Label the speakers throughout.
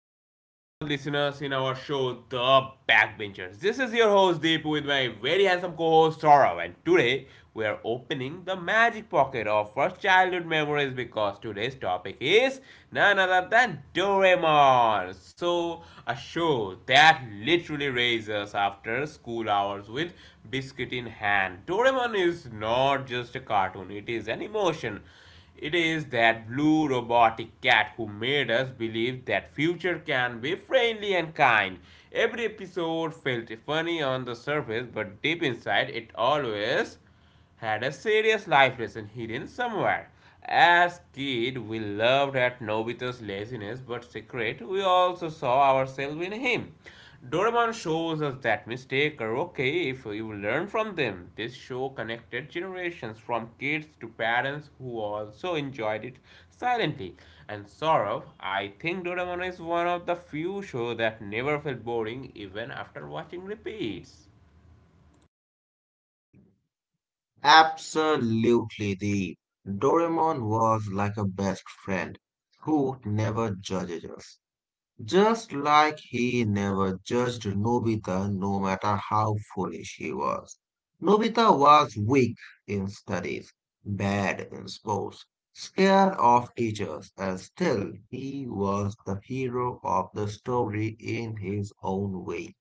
Speaker 1: back to all our listeners in our show The Backbenchers. This is your host Deep with my very handsome co-host Saurav, and today we are opening the magic pocket of first childhood memories because today's topic is none other than Doraemon. So a show that literally raises after school hours with biscuit in hand. Doraemon is not just a cartoon, it is an emotion. It is that blue robotic cat who made us believe that future can be friendly and kind. Every episode felt funny on the surface, but deep inside it always had a serious life lesson hidden somewhere. As kids, we loved at Nobita's laziness, but secret, we also saw ourselves in him. Doraemon shows us that mistakes are okay if you learn from them. This show connected generations from kids to parents who also enjoyed it silently. And Saurav, I think Doraemon is one of the few shows that never felt boring even after watching repeats.
Speaker 2: Absolutely, the Doraemon was like a best friend who never judges us. Just like he never judged Nobita no matter how foolish he was. Nobita was weak in studies, bad in sports, scared of teachers, and still he was the hero of the story in his own way.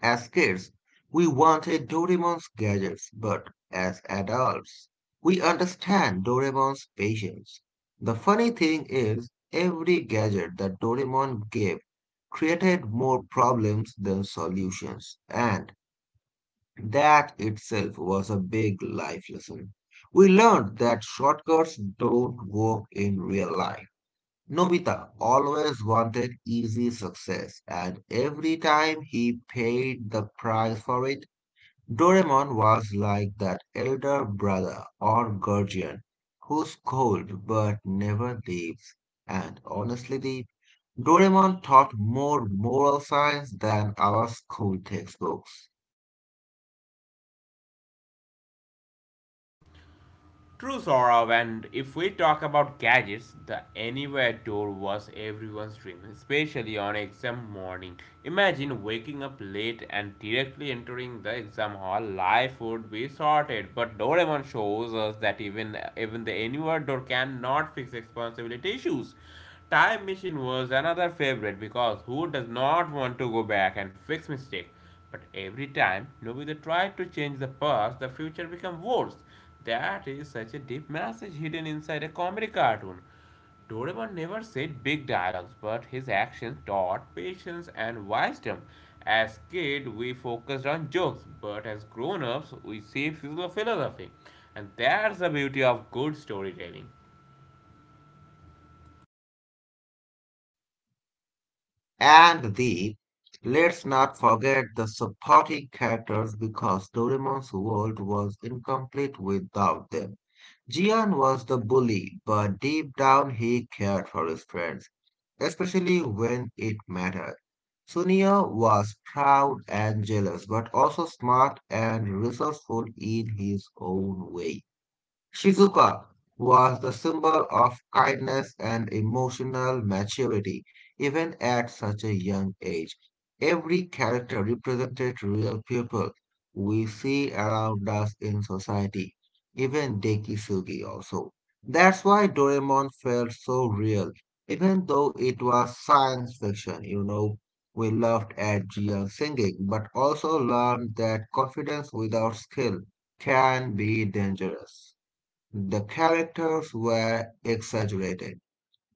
Speaker 2: As kids, we wanted Doraemon's gadgets, but as adults, we understand Doraemon's patience. The funny thing is, every gadget that Doraemon gave created more problems than solutions, and that itself was a big life lesson. We learned that shortcuts don't work in real life. Nobita always wanted easy success, and every time he paid the price for it, Doraemon was like that elder brother or guardian who's cold but never leaves. And honestly, Deep, Doraemon taught more moral science than our school textbooks.
Speaker 1: True, Saurav, and if we talk about gadgets, the anywhere door was everyone's dream, especially on exam morning. Imagine waking up late and directly entering the exam hall. Life would be sorted, but Doraemon shows us that even the anywhere door cannot fix responsibility issues. Time machine was another favorite because who does not want to go back and fix mistake? But every time Nobita tried to change the past, the future became worse. That is such a deep message hidden inside a comedy cartoon. Doraemon never said big dialogues, but his actions taught patience and wisdom. As kid, we focused on jokes, but as grown-ups, we see philosophy, and that's the beauty of good storytelling.
Speaker 2: And Deep, let's not forget the supporting characters because Doraemon's world was incomplete without them. Jian was the bully, but deep down he cared for his friends, especially when it mattered. Sunia was proud and jealous, but also smart and resourceful in his own way. Shizuka was the symbol of kindness and emotional maturity, even at such a young age. Every character represented real people we see around us in society, even Dekisugi also. That's why Doraemon felt so real, even though it was science fiction, you know. We laughed at Jian singing, but also learned that confidence without skill can be dangerous. The characters were exaggerated,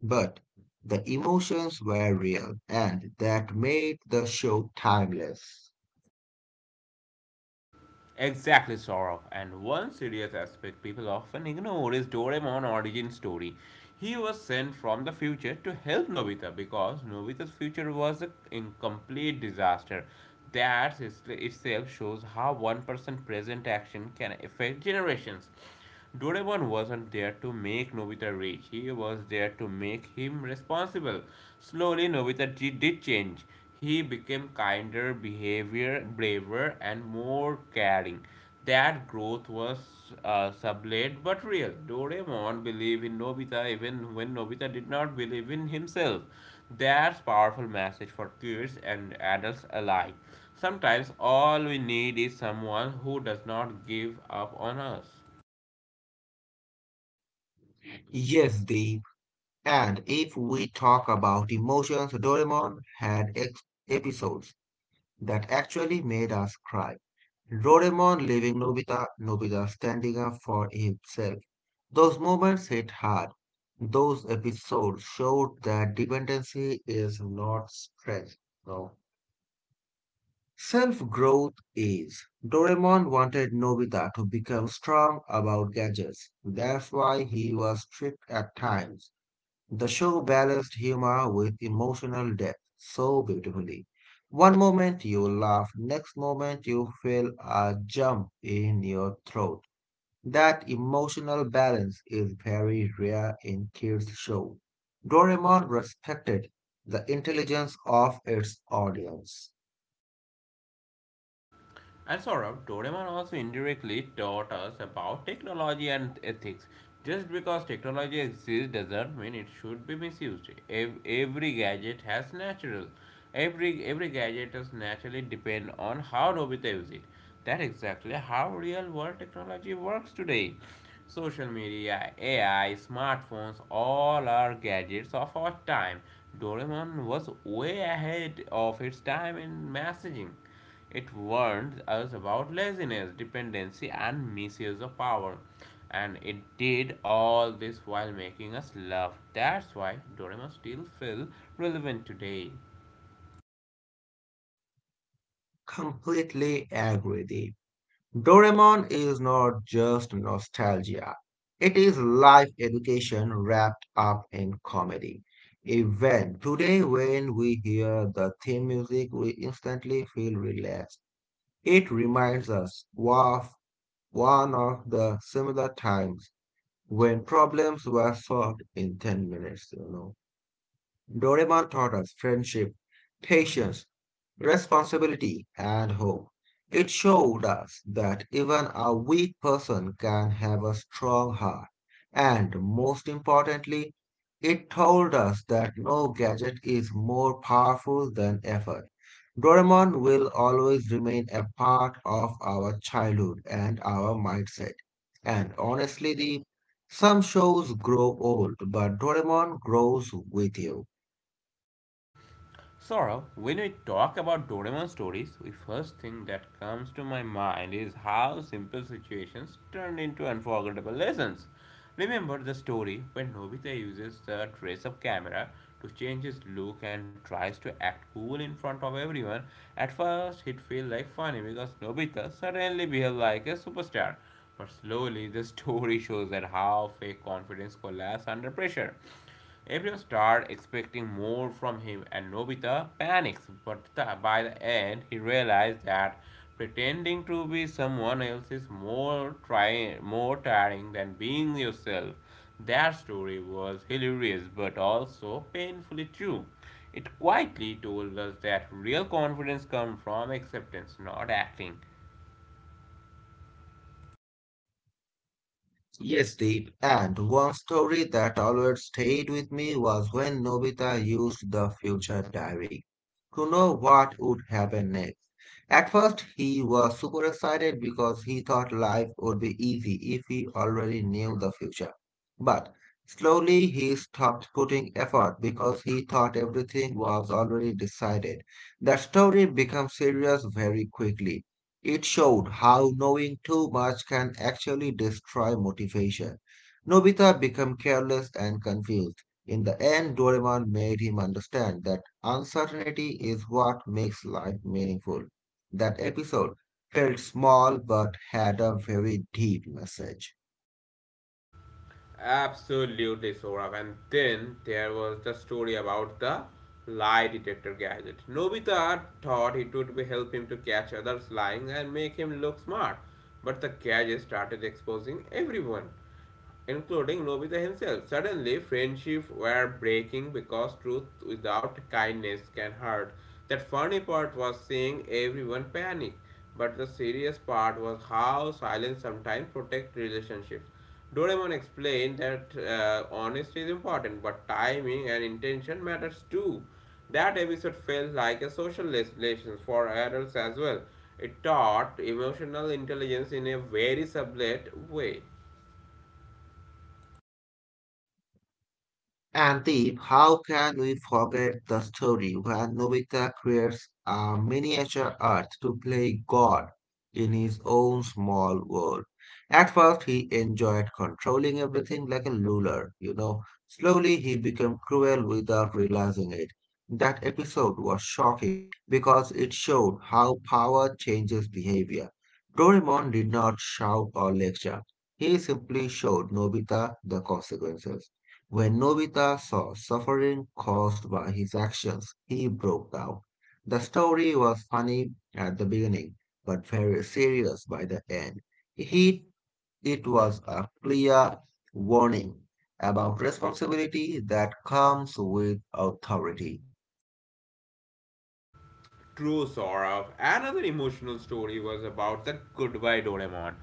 Speaker 2: but the emotions were real, and that made the show timeless.
Speaker 1: Exactly, Saurabh. And one serious aspect people often ignore is Doraemon's origin story. He was sent from the future to help Nobita because Nobita's future was an incomplete disaster. Itself shows how one person's present action can affect generations. Doraemon wasn't there to make Nobita rich, he was there to make him responsible. Slowly, Nobita did change. He became kinder, behavior, braver, and more caring. That growth was sublate but real. Doraemon believed in Nobita even when Nobita did not believe in himself. That's a powerful message for kids and adults alike. Sometimes all we need is someone who does not give up on us.
Speaker 2: Yes, Deep. And if we talk about emotions, Doraemon had episodes that actually made us cry. Doraemon leaving Nobita, Nobita standing up for himself. Those moments hit hard. Those episodes showed that dependency is not strength. No. Self growth is. Doraemon wanted Nobita to become strong about gadgets. That's why he was strict at times. The show balanced humor with emotional depth so beautifully. One moment you laugh, next moment you feel a jump in your throat. That emotional balance is very rare in kids' show. Doraemon respected the intelligence of its audience.
Speaker 1: And Saurabh, Doraemon also indirectly taught us about technology and ethics. Just because technology exists doesn't mean it should be misused. Every gadget has natural. Every gadget is naturally depend on how Nobita use it. That's exactly how real world technology works today. Social media, AI, smartphones, all are gadgets of our time. Doraemon was way ahead of its time in messaging. It warned us about laziness, dependency, and misuse of power. And it did all this while making us laugh. That's why Doraemon still feels relevant today.
Speaker 2: Completely agree, Deep. Doraemon is not just nostalgia. It is life education wrapped up in comedy. Even today, when we hear the theme music, we instantly feel relaxed. It reminds us of one of the similar times when problems were solved in 10 minutes, you know. Doraemon taught us friendship, patience, responsibility, and hope. It showed us that even a weak person can have a strong heart. And most importantly, it told us that no gadget is more powerful than effort. Doraemon will always remain a part of our childhood and our mindset. And honestly, the some shows grow old, but Doraemon grows with you.
Speaker 1: Sora, when we talk about Doraemon stories, the first thing that comes to my mind is how simple situations turn into unforgettable lessons. Remember the story when Nobita uses the dress up camera to change his look and tries to act cool in front of everyone? At first, it feels like funny because Nobita suddenly behaves like a superstar. But slowly, the story shows that how fake confidence collapses under pressure. Everyone starts expecting more from him, and Nobita panics. By the end, he realizes that pretending to be someone else is more tiring than being yourself. That story was hilarious, but also painfully true. It quietly told us that real confidence comes from acceptance, not acting.
Speaker 2: Yes, Deep. And one story that always stayed with me was when Nobita used the future diary to know what would happen next. At first, he was super excited because he thought life would be easy if he already knew the future. But slowly, he stopped putting effort because he thought everything was already decided. The story became serious very quickly. It showed how knowing too much can actually destroy motivation. Nobita became careless and confused. In the end, Doraemon made him understand that uncertainty is what makes life meaningful. That episode felt small but had a very deep message.
Speaker 1: Absolutely, Saurabh. And then there was the story about the lie detector gadget. Nobita thought it would be help him to catch others lying and make him look smart, but the gadget started exposing everyone including Nobita himself. Suddenly, friendships were breaking because truth without kindness can hurt. That funny part was seeing everyone panic, but the serious part was how silence sometimes protect relationships. Doraemon explained that honesty is important, but timing and intention matters too. That episode felt like a social lesson for adults as well. It taught emotional intelligence in a very subtle way.
Speaker 2: And Deep, how can we forget the story when Nobita creates a miniature Earth to play God in his own small world? At first, he enjoyed controlling everything like a ruler, you know. Slowly, he became cruel without realizing it. That episode was shocking because it showed how power changes behavior. Doraemon did not shout or lecture. He simply showed Nobita the consequences. When Nobita saw suffering caused by his actions, he broke down. The story was funny at the beginning, but very serious by the end. He, it was a clear warning about responsibility that comes with authority.
Speaker 1: True Sora. Another emotional story was about the goodbye Doraemon.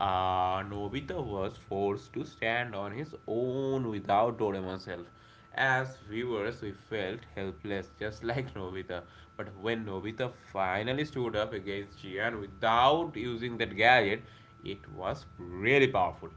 Speaker 1: Nobita was forced to stand on his own without Doraemon's help. As viewers, we felt helpless, just like Nobita. But when Nobita finally stood up against Jian without using that gadget, it was really powerful.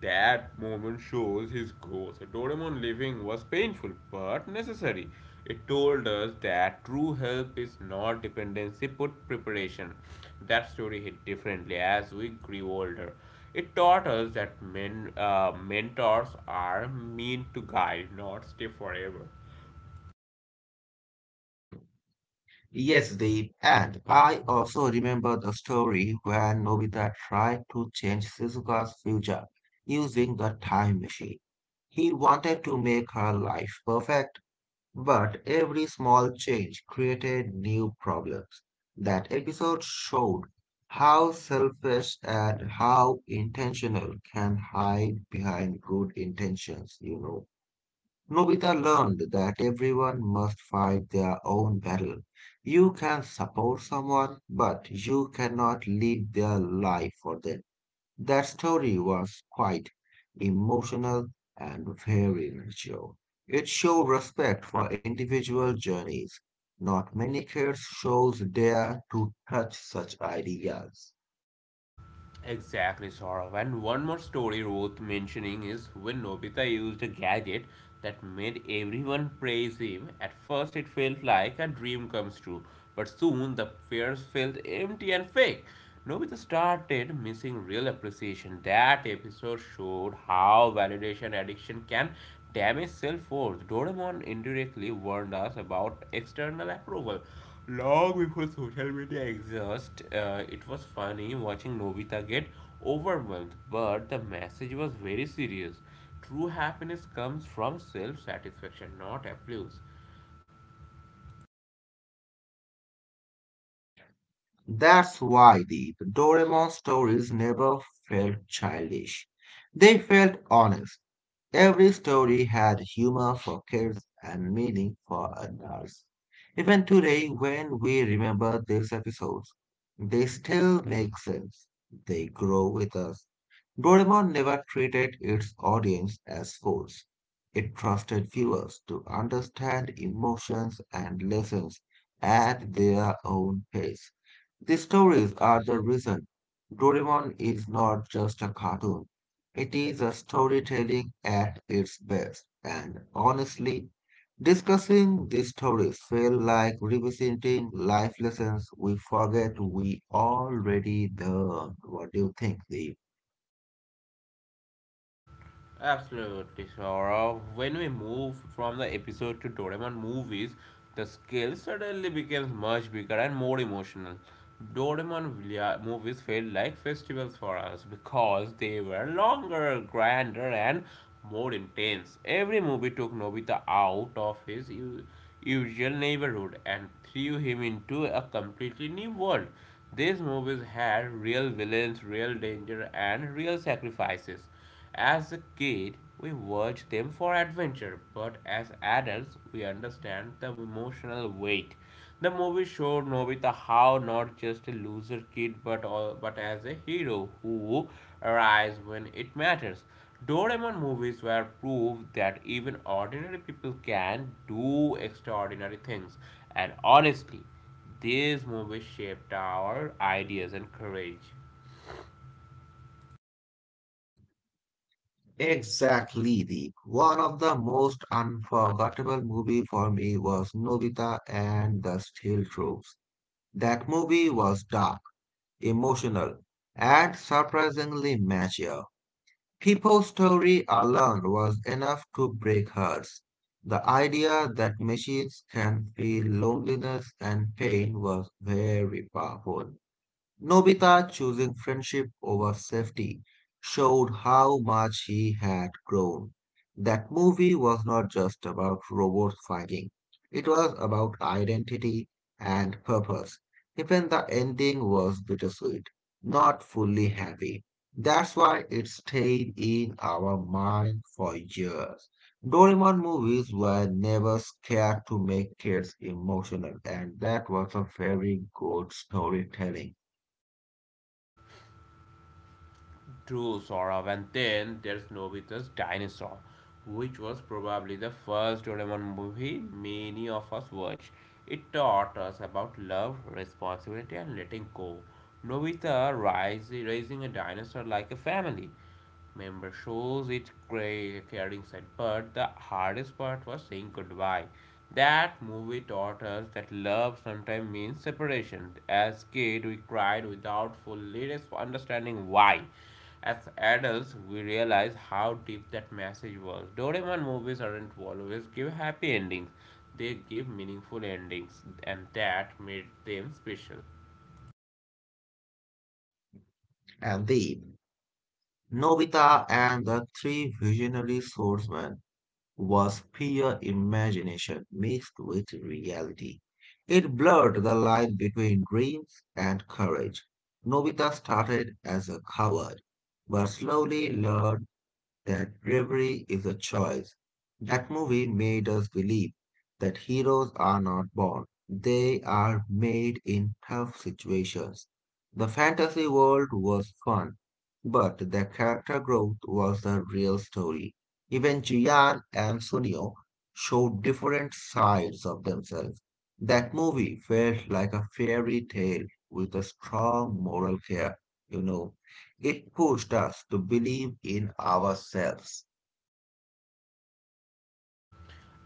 Speaker 1: That moment shows his growth. Doraemon living was painful but necessary. It told us that true help is not dependency but preparation. That story hit differently as we grew older. It taught us that mentors are meant to guide, not stay forever.
Speaker 2: Yes, Deep, and I also remember the story when Nobita tried to change Shizuka's future using the time machine. He wanted to make her life perfect, but every small change created new problems. That episode showed how selfish and how intentional can hide behind good intentions, you know. Nobita learned that everyone must fight their own battle. You can support someone, but you cannot live their life for them. That story was quite emotional and very mature. It showed respect for individual journeys. Not many kids shows dare to touch such ideas.
Speaker 1: Exactly, Saurav. And one more story worth mentioning is when Nobita used a gadget that made everyone praise him. At first, it felt like a dream comes true, but soon the fears felt empty and fake. Nobita started missing real appreciation. That episode showed how validation addiction can damage self worth. Doraemon indirectly warned us about external approval long before social media existed. It was funny watching Nobita get overwhelmed, but the message was very serious. True happiness comes from self satisfaction, not applause.
Speaker 2: That's why the Doraemon stories never felt childish. They felt honest. Every story had humor for kids and meaning for adults. Even today, when we remember these episodes, they still make sense. They grow with us. Doraemon never treated its audience as fools. It trusted viewers to understand emotions and lessons at their own pace. These stories are the reason Doraemon is not just a cartoon. It is a storytelling at its best. And honestly, discussing these stories felt like revisiting life lessons we forget we already learned. What do you think, Deep?
Speaker 1: Absolutely, Saurav. When we move from the episode to Doraemon movies, the scale suddenly becomes much bigger and more emotional. Doraemon movies felt like festivals for us because they were longer, grander, and more intense. Every movie took Nobita out of his usual neighborhood and threw him into a completely new world. These movies had real villains, real danger, and real sacrifices. As a kid, we watch them for adventure, but as adults, we understand the emotional weight. The movie showed Nobita how not just a loser kid, but as a hero who arrives when it matters. Doraemon movies were proof that even ordinary people can do extraordinary things, and honestly, these movies shaped our ideas and courage.
Speaker 2: Exactly, The One of the most unforgettable movie for me was Nobita and the Steel Troops. That movie was dark, emotional, and surprisingly mature. People's story alone was enough to break hearts. The idea that machines can feel loneliness and pain was very powerful. Nobita choosing friendship over safety showed how much he had grown. That movie was not just about robots fighting, it was about identity and purpose. Even the ending was bittersweet, not fully happy. That's why it stayed in our mind for years. Doraemon movies were never scared to make kids emotional, and that was a very good storytelling.
Speaker 1: True, Saurav. And then there's Nobita's Dinosaur, which was probably the first Doraemon movie many of us watched. It taught us about love, responsibility, and letting go. Raising a dinosaur like a family member shows it caring side. But the hardest part was saying goodbye. That movie taught us that love sometimes means separation. As kids, we cried without fully understanding why. As adults, we realize how deep that message was. Doraemon movies aren't always give happy endings; they give meaningful endings, and that made them special.
Speaker 2: And then Nobita and the three visionary swordsmen was pure imagination mixed with reality. It blurred the line between dreams and courage. Nobita started as a coward, but slowly learned that bravery is a choice. That movie made us believe that heroes are not born, they are made in tough situations. The fantasy world was fun, but the character growth was the real story. Even Jian and Sunio showed different sides of themselves. That movie felt like a fairy tale with a strong moral care, you know. It pushed us to believe in ourselves.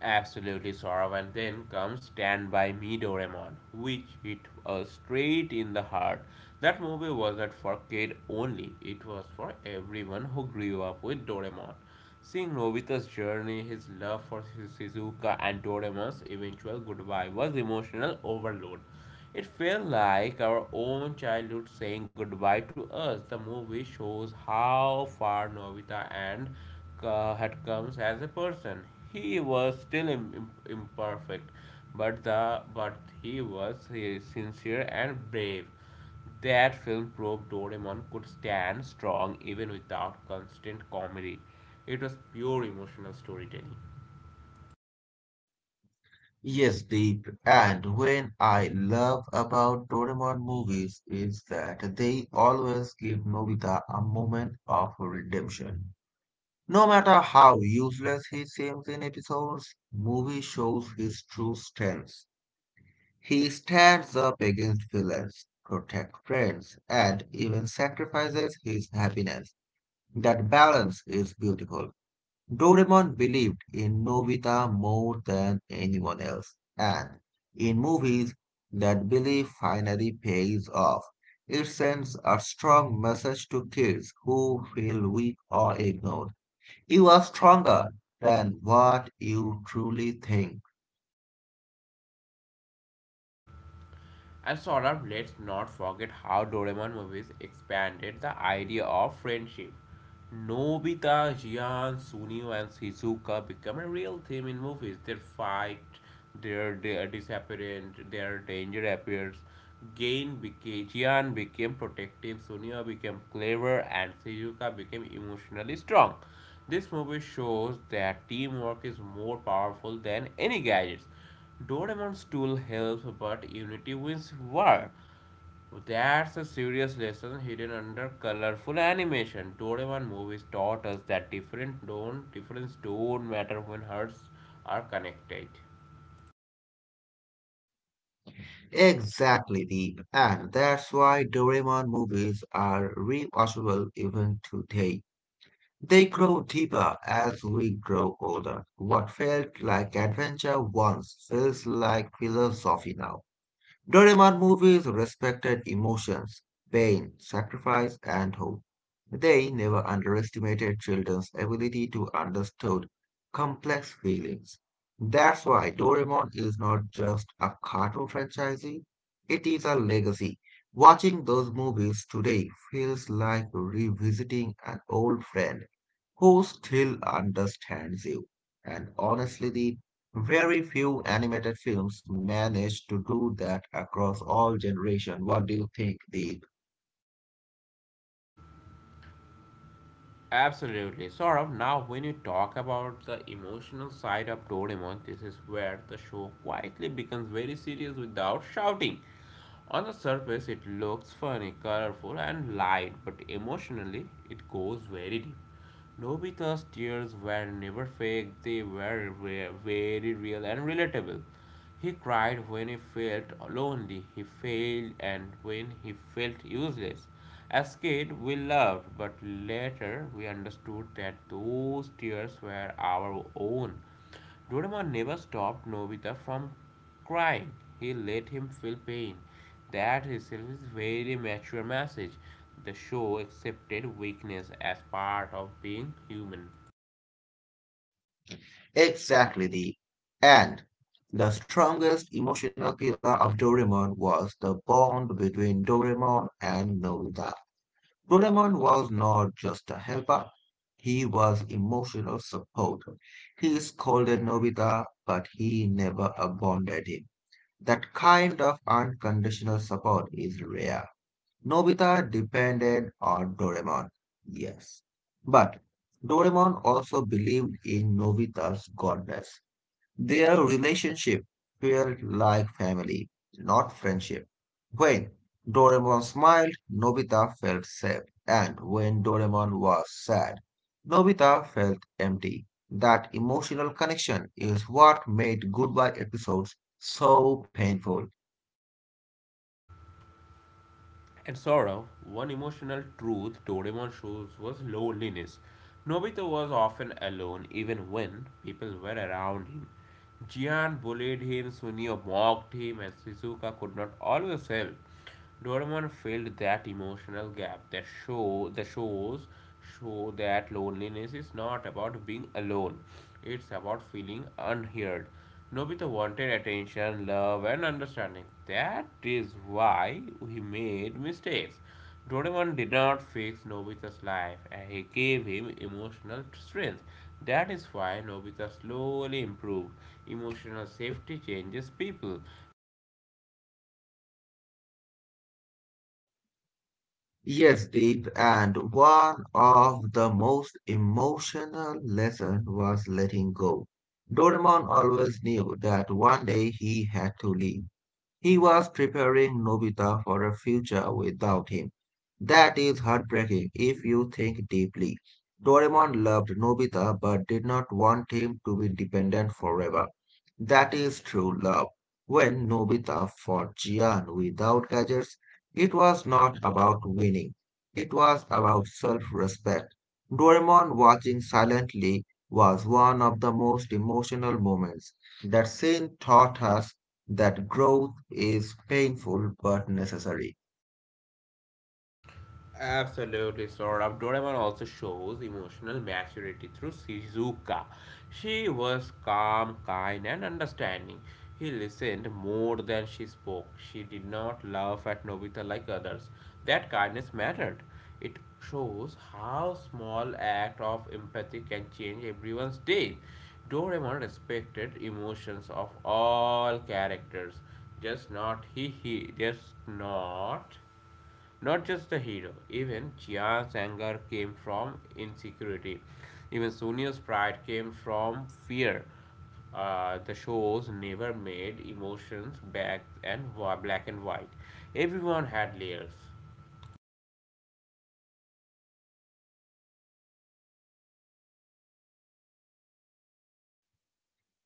Speaker 1: Absolutely, Saurabh. And then comes Stand By Me Doraemon, which hit us straight in the heart. That movie wasn't for kid only, it was for everyone who grew up with Doraemon. Seeing Nobita's journey, his love for Shizuka, and Doraemon's eventual goodbye was emotional overload. It felt like our own childhood saying goodbye to us. The movie shows how far Novita and Ka had come as a person. He was still imperfect, but he was sincere and brave. That film proved Doraemon could stand strong even without constant comedy. It was pure emotional storytelling.
Speaker 2: Yes, deep. And when I love about Doraemon movies is that they always give Nobita a moment of redemption. No matter how useless he seems in episodes, movie shows his true strengths. He stands up against villains, protects friends, and even sacrifices his happiness. That balance is beautiful. Doraemon believed in Nobita more than anyone else, and in movies, that belief finally pays off. It sends a strong message to kids who feel weak or ignored. You are stronger than what you truly think.
Speaker 1: And sort of let's not forget how Doraemon movies expanded the idea of friendship. Nobita, Jian, Sunio, and Shizuka become a real theme in movies. Their fight, their disappearance, their danger appears. Jian became protective, Sunio became clever, and Shizuka became emotionally strong. This movie shows that teamwork is more powerful than any gadgets. Doraemon's tool helps, but Unity wins war. That's a serious lesson hidden under colorful animation. Doraemon movies taught us that different don't difference don't matter when hearts are connected.
Speaker 2: Exactly, Deep. And that's why Doraemon movies are rewatchable even today. They grow deeper as we grow older. What felt like adventure once feels like philosophy now. Doraemon movies respected emotions, pain, sacrifice, and hope. They never underestimated children's ability to understand complex feelings. That's why Doraemon is not just a cartoon franchise, it is a legacy. Watching those movies today feels like revisiting an old friend who still understands you. And honestly, the very few animated films manage to do that across all generations. What do you think, The
Speaker 1: Absolutely. Saurav, now when you talk about the emotional side of Doraemon, this is where the show quietly becomes very serious without shouting. On the surface, it looks funny, colorful, and light, but emotionally, it goes very deep. Nobita's tears were never fake, they were very real and relatable. He cried when he felt lonely, he failed, and when he felt useless. As kids, we loved, but later we understood that those tears were our own. Doraemon never stopped Nobita from crying. He let him feel pain. That itself is a very mature message. The show accepted weakness as part of being human.
Speaker 2: Exactly, And the strongest emotional pillar of Doraemon was the bond between Doraemon and Nobita. Doraemon was not just a helper, he was emotional support. He scolded Nobita, but he never abandoned him. That kind of unconditional support is rare. Nobita depended on Doraemon, yes. But Doraemon also believed in Nobita's godness. Their relationship felt like family, not friendship. When Doraemon smiled, Nobita felt safe. And when Doraemon was sad, Nobita felt empty. That emotional connection is what made goodbye episodes so painful.
Speaker 1: And Saurav, one emotional truth Doraemon shows was loneliness. Nobita was often alone even when people were around him. Jian bullied him, Sunio mocked him, and Shizuka could not always help. Doraemon filled that emotional gap. That show the shows show that loneliness is not about being alone. It's about feeling unheard. Nobita wanted attention, love, and understanding. That is why he made mistakes. Doraemon did not fix Nobita's life, and he gave him emotional strength. That is why Nobita slowly improved. Emotional safety changes people.
Speaker 2: Yes, Deep, and one of the most emotional lesson was letting go. Doraemon always knew that one day he had to leave, he was preparing Nobita for a future without him. That is heartbreaking if you think deeply. Doraemon loved Nobita but did not want him to be dependent forever. That is true love. When Nobita fought Jian without gadgets, it was not about winning. It was about self-respect. Doraemon watching silently was one of the most emotional moments. That scene taught us that growth is painful but necessary.
Speaker 1: Absolutely, sort of. Doraemon also shows emotional maturity through Shizuka. She was calm, kind, and understanding. He listened more than she spoke. She did not laugh at Nobita like others. That kindness mattered. It shows how small act of empathy can change everyone's day. Doraemon respected emotions of all characters, just not he, he just not not just the hero, even Chia's anger came from insecurity. Even Sonia's pride came from fear. The shows never made emotions black and white. Everyone had layers.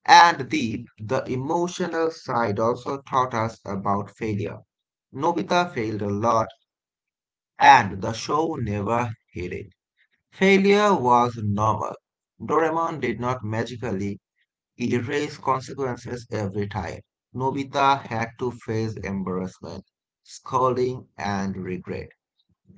Speaker 2: And Deep, the emotional side also taught us about failure. Nobita failed a lot, and the show never hid it. Failure was normal. Doraemon did not magically erase consequences every time. Nobita had to face embarrassment, scolding, and regret.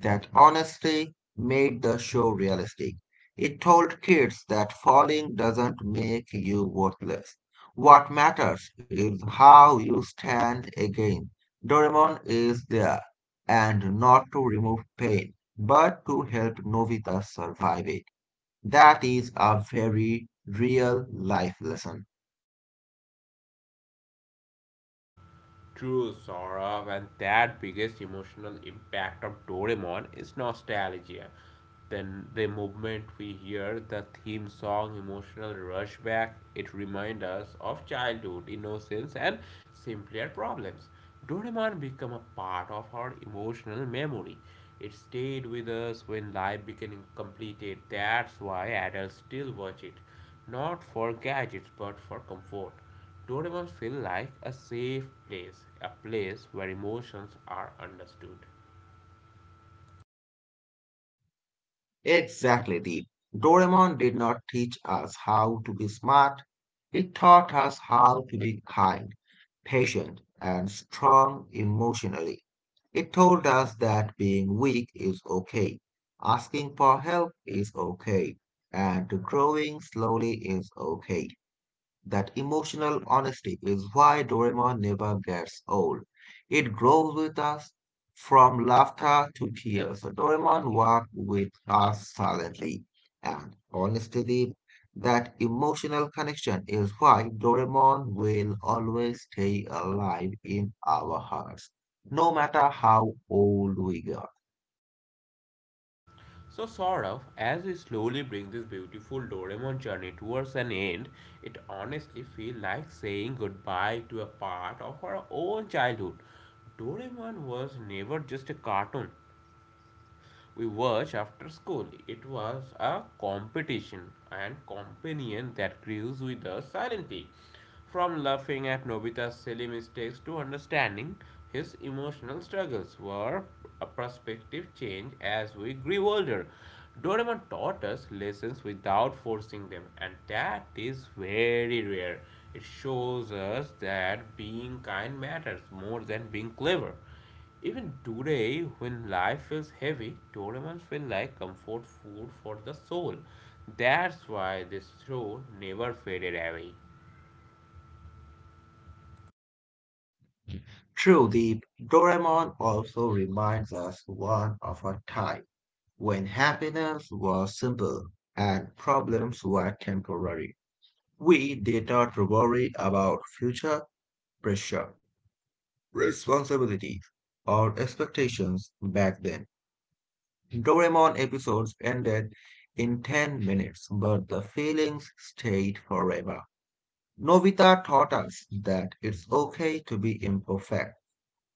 Speaker 2: That honesty made the show realistic. It told kids that falling doesn't make you worthless. What matters is how you stand again. Doraemon is there, and not to remove pain, but to help Novita survive it. That is a very real life lesson.
Speaker 1: True, Saurav, and that biggest emotional impact of Doraemon is nostalgia. Then the moment we hear the theme song Emotional Rush Back, it reminds us of childhood, innocence, and simpler problems. Doraemon became a part of our emotional memory. It stayed with us when life became complicated. That's why adults still watch it, not for gadgets but for comfort. Doraemon feels like a safe place, a place where emotions are understood.
Speaker 2: Exactly, Deep. Doraemon did not teach us how to be smart. It taught us how to be kind, patient, and strong emotionally. It told us that being weak is okay, asking for help is okay, and growing slowly is okay. That emotional honesty is why Doraemon never gets old. It grows with us from laughter to tears. So Doraemon walked with us silently and honestly. That emotional connection is why Doraemon will always stay alive in our hearts, no matter how old we get.
Speaker 1: So, sort of, as we slowly bring this beautiful Doraemon journey towards an end, it honestly feels like saying goodbye to a part of our own childhood. Doraemon was never just a cartoon, we watched after school. It was a competition and companion that grows with us silently. From laughing at Nobita's silly mistakes to understanding his emotional struggles were a perspective change as we grew older. Doraemon taught us lessons without forcing them, and that is very rare. It shows us that being kind matters more than being clever. Even today, when life feels heavy, Doraemon feel like comfort food for the soul. That's why this show never faded away.
Speaker 2: True, the Doraemon also reminds us one of a time when happiness was simple and problems were temporary, we did not worry about future pressure, responsibilities, or expectations back then. Doraemon episodes ended in 10 minutes, but the feelings stayed forever. Nobita taught us that it's okay to be imperfect.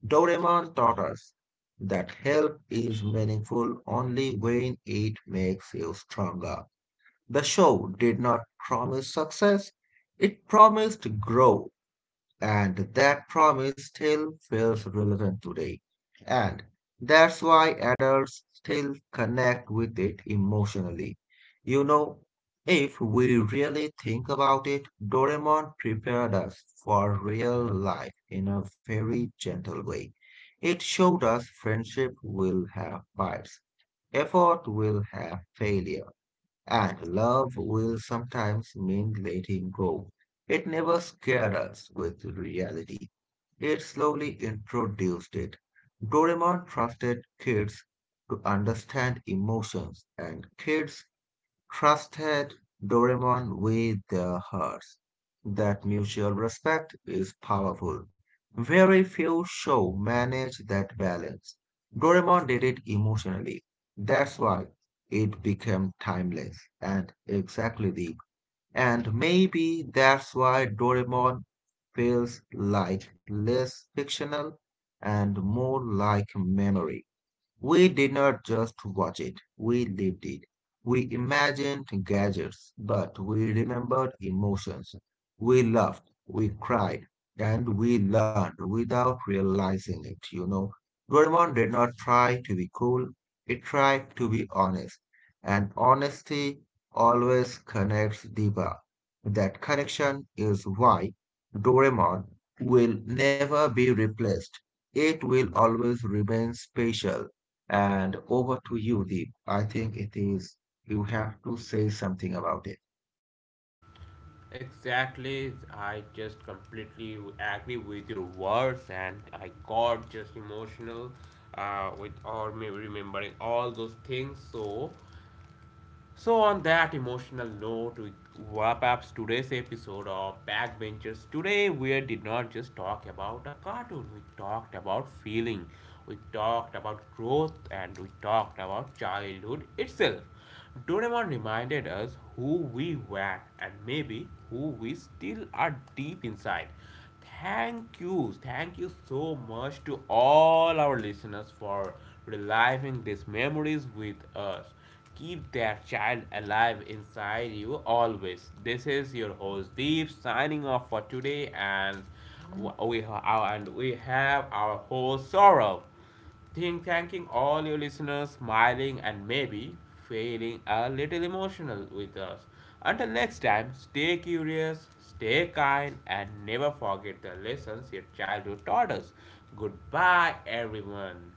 Speaker 2: Doraemon taught us that help is meaningful only when it makes you stronger. The show did not promise success, it promised growth, and that promise still feels relevant today. And that's why adults still connect with it emotionally. You know, if we really think about it, Doraemon prepared us for real life in a very gentle way. It showed us friendship will have fights, effort will have failure and love will sometimes mean letting go. It never scared us with reality. It slowly introduced it. Doraemon trusted kids to understand emotions, and kids trusted Doraemon with their hearts. That mutual respect is powerful. Very few show manage that balance. Doraemon did it emotionally. That's why it became timeless and exactly deep. And maybe that's why Doraemon feels like less fictional and more like memory. We did not just watch it, we lived it. We imagined gadgets, but we remembered emotions. We laughed, we cried, and we learned without realizing it, you know. Doraemon did not try to be cool, it tried to be honest. And honesty always connects deeper. That connection is why Doraemon will never be replaced. It will always remain special. And over to you, Deep. I think it is, you have to say something about it.
Speaker 1: Exactly, I just completely agree with your words, and I got just emotional with all me remembering all those things. So, on that emotional note, we wrap up today's episode of Backbenchers. Today, we did not just talk about a cartoon, we talked about feeling, we talked about growth, and we talked about childhood itself. Doraemon reminded us who we were and maybe who we still are deep inside. Thank you. Thank you so much to all our listeners for reliving these memories with us. Keep that child alive inside you always. This is your host Deep signing off for today, and and we have our host Saurav. Think thanking all your listeners, smiling and maybe feeling a little emotional with us. Until next time, stay curious, stay kind, and never forget the lessons your childhood taught us. Goodbye, everyone.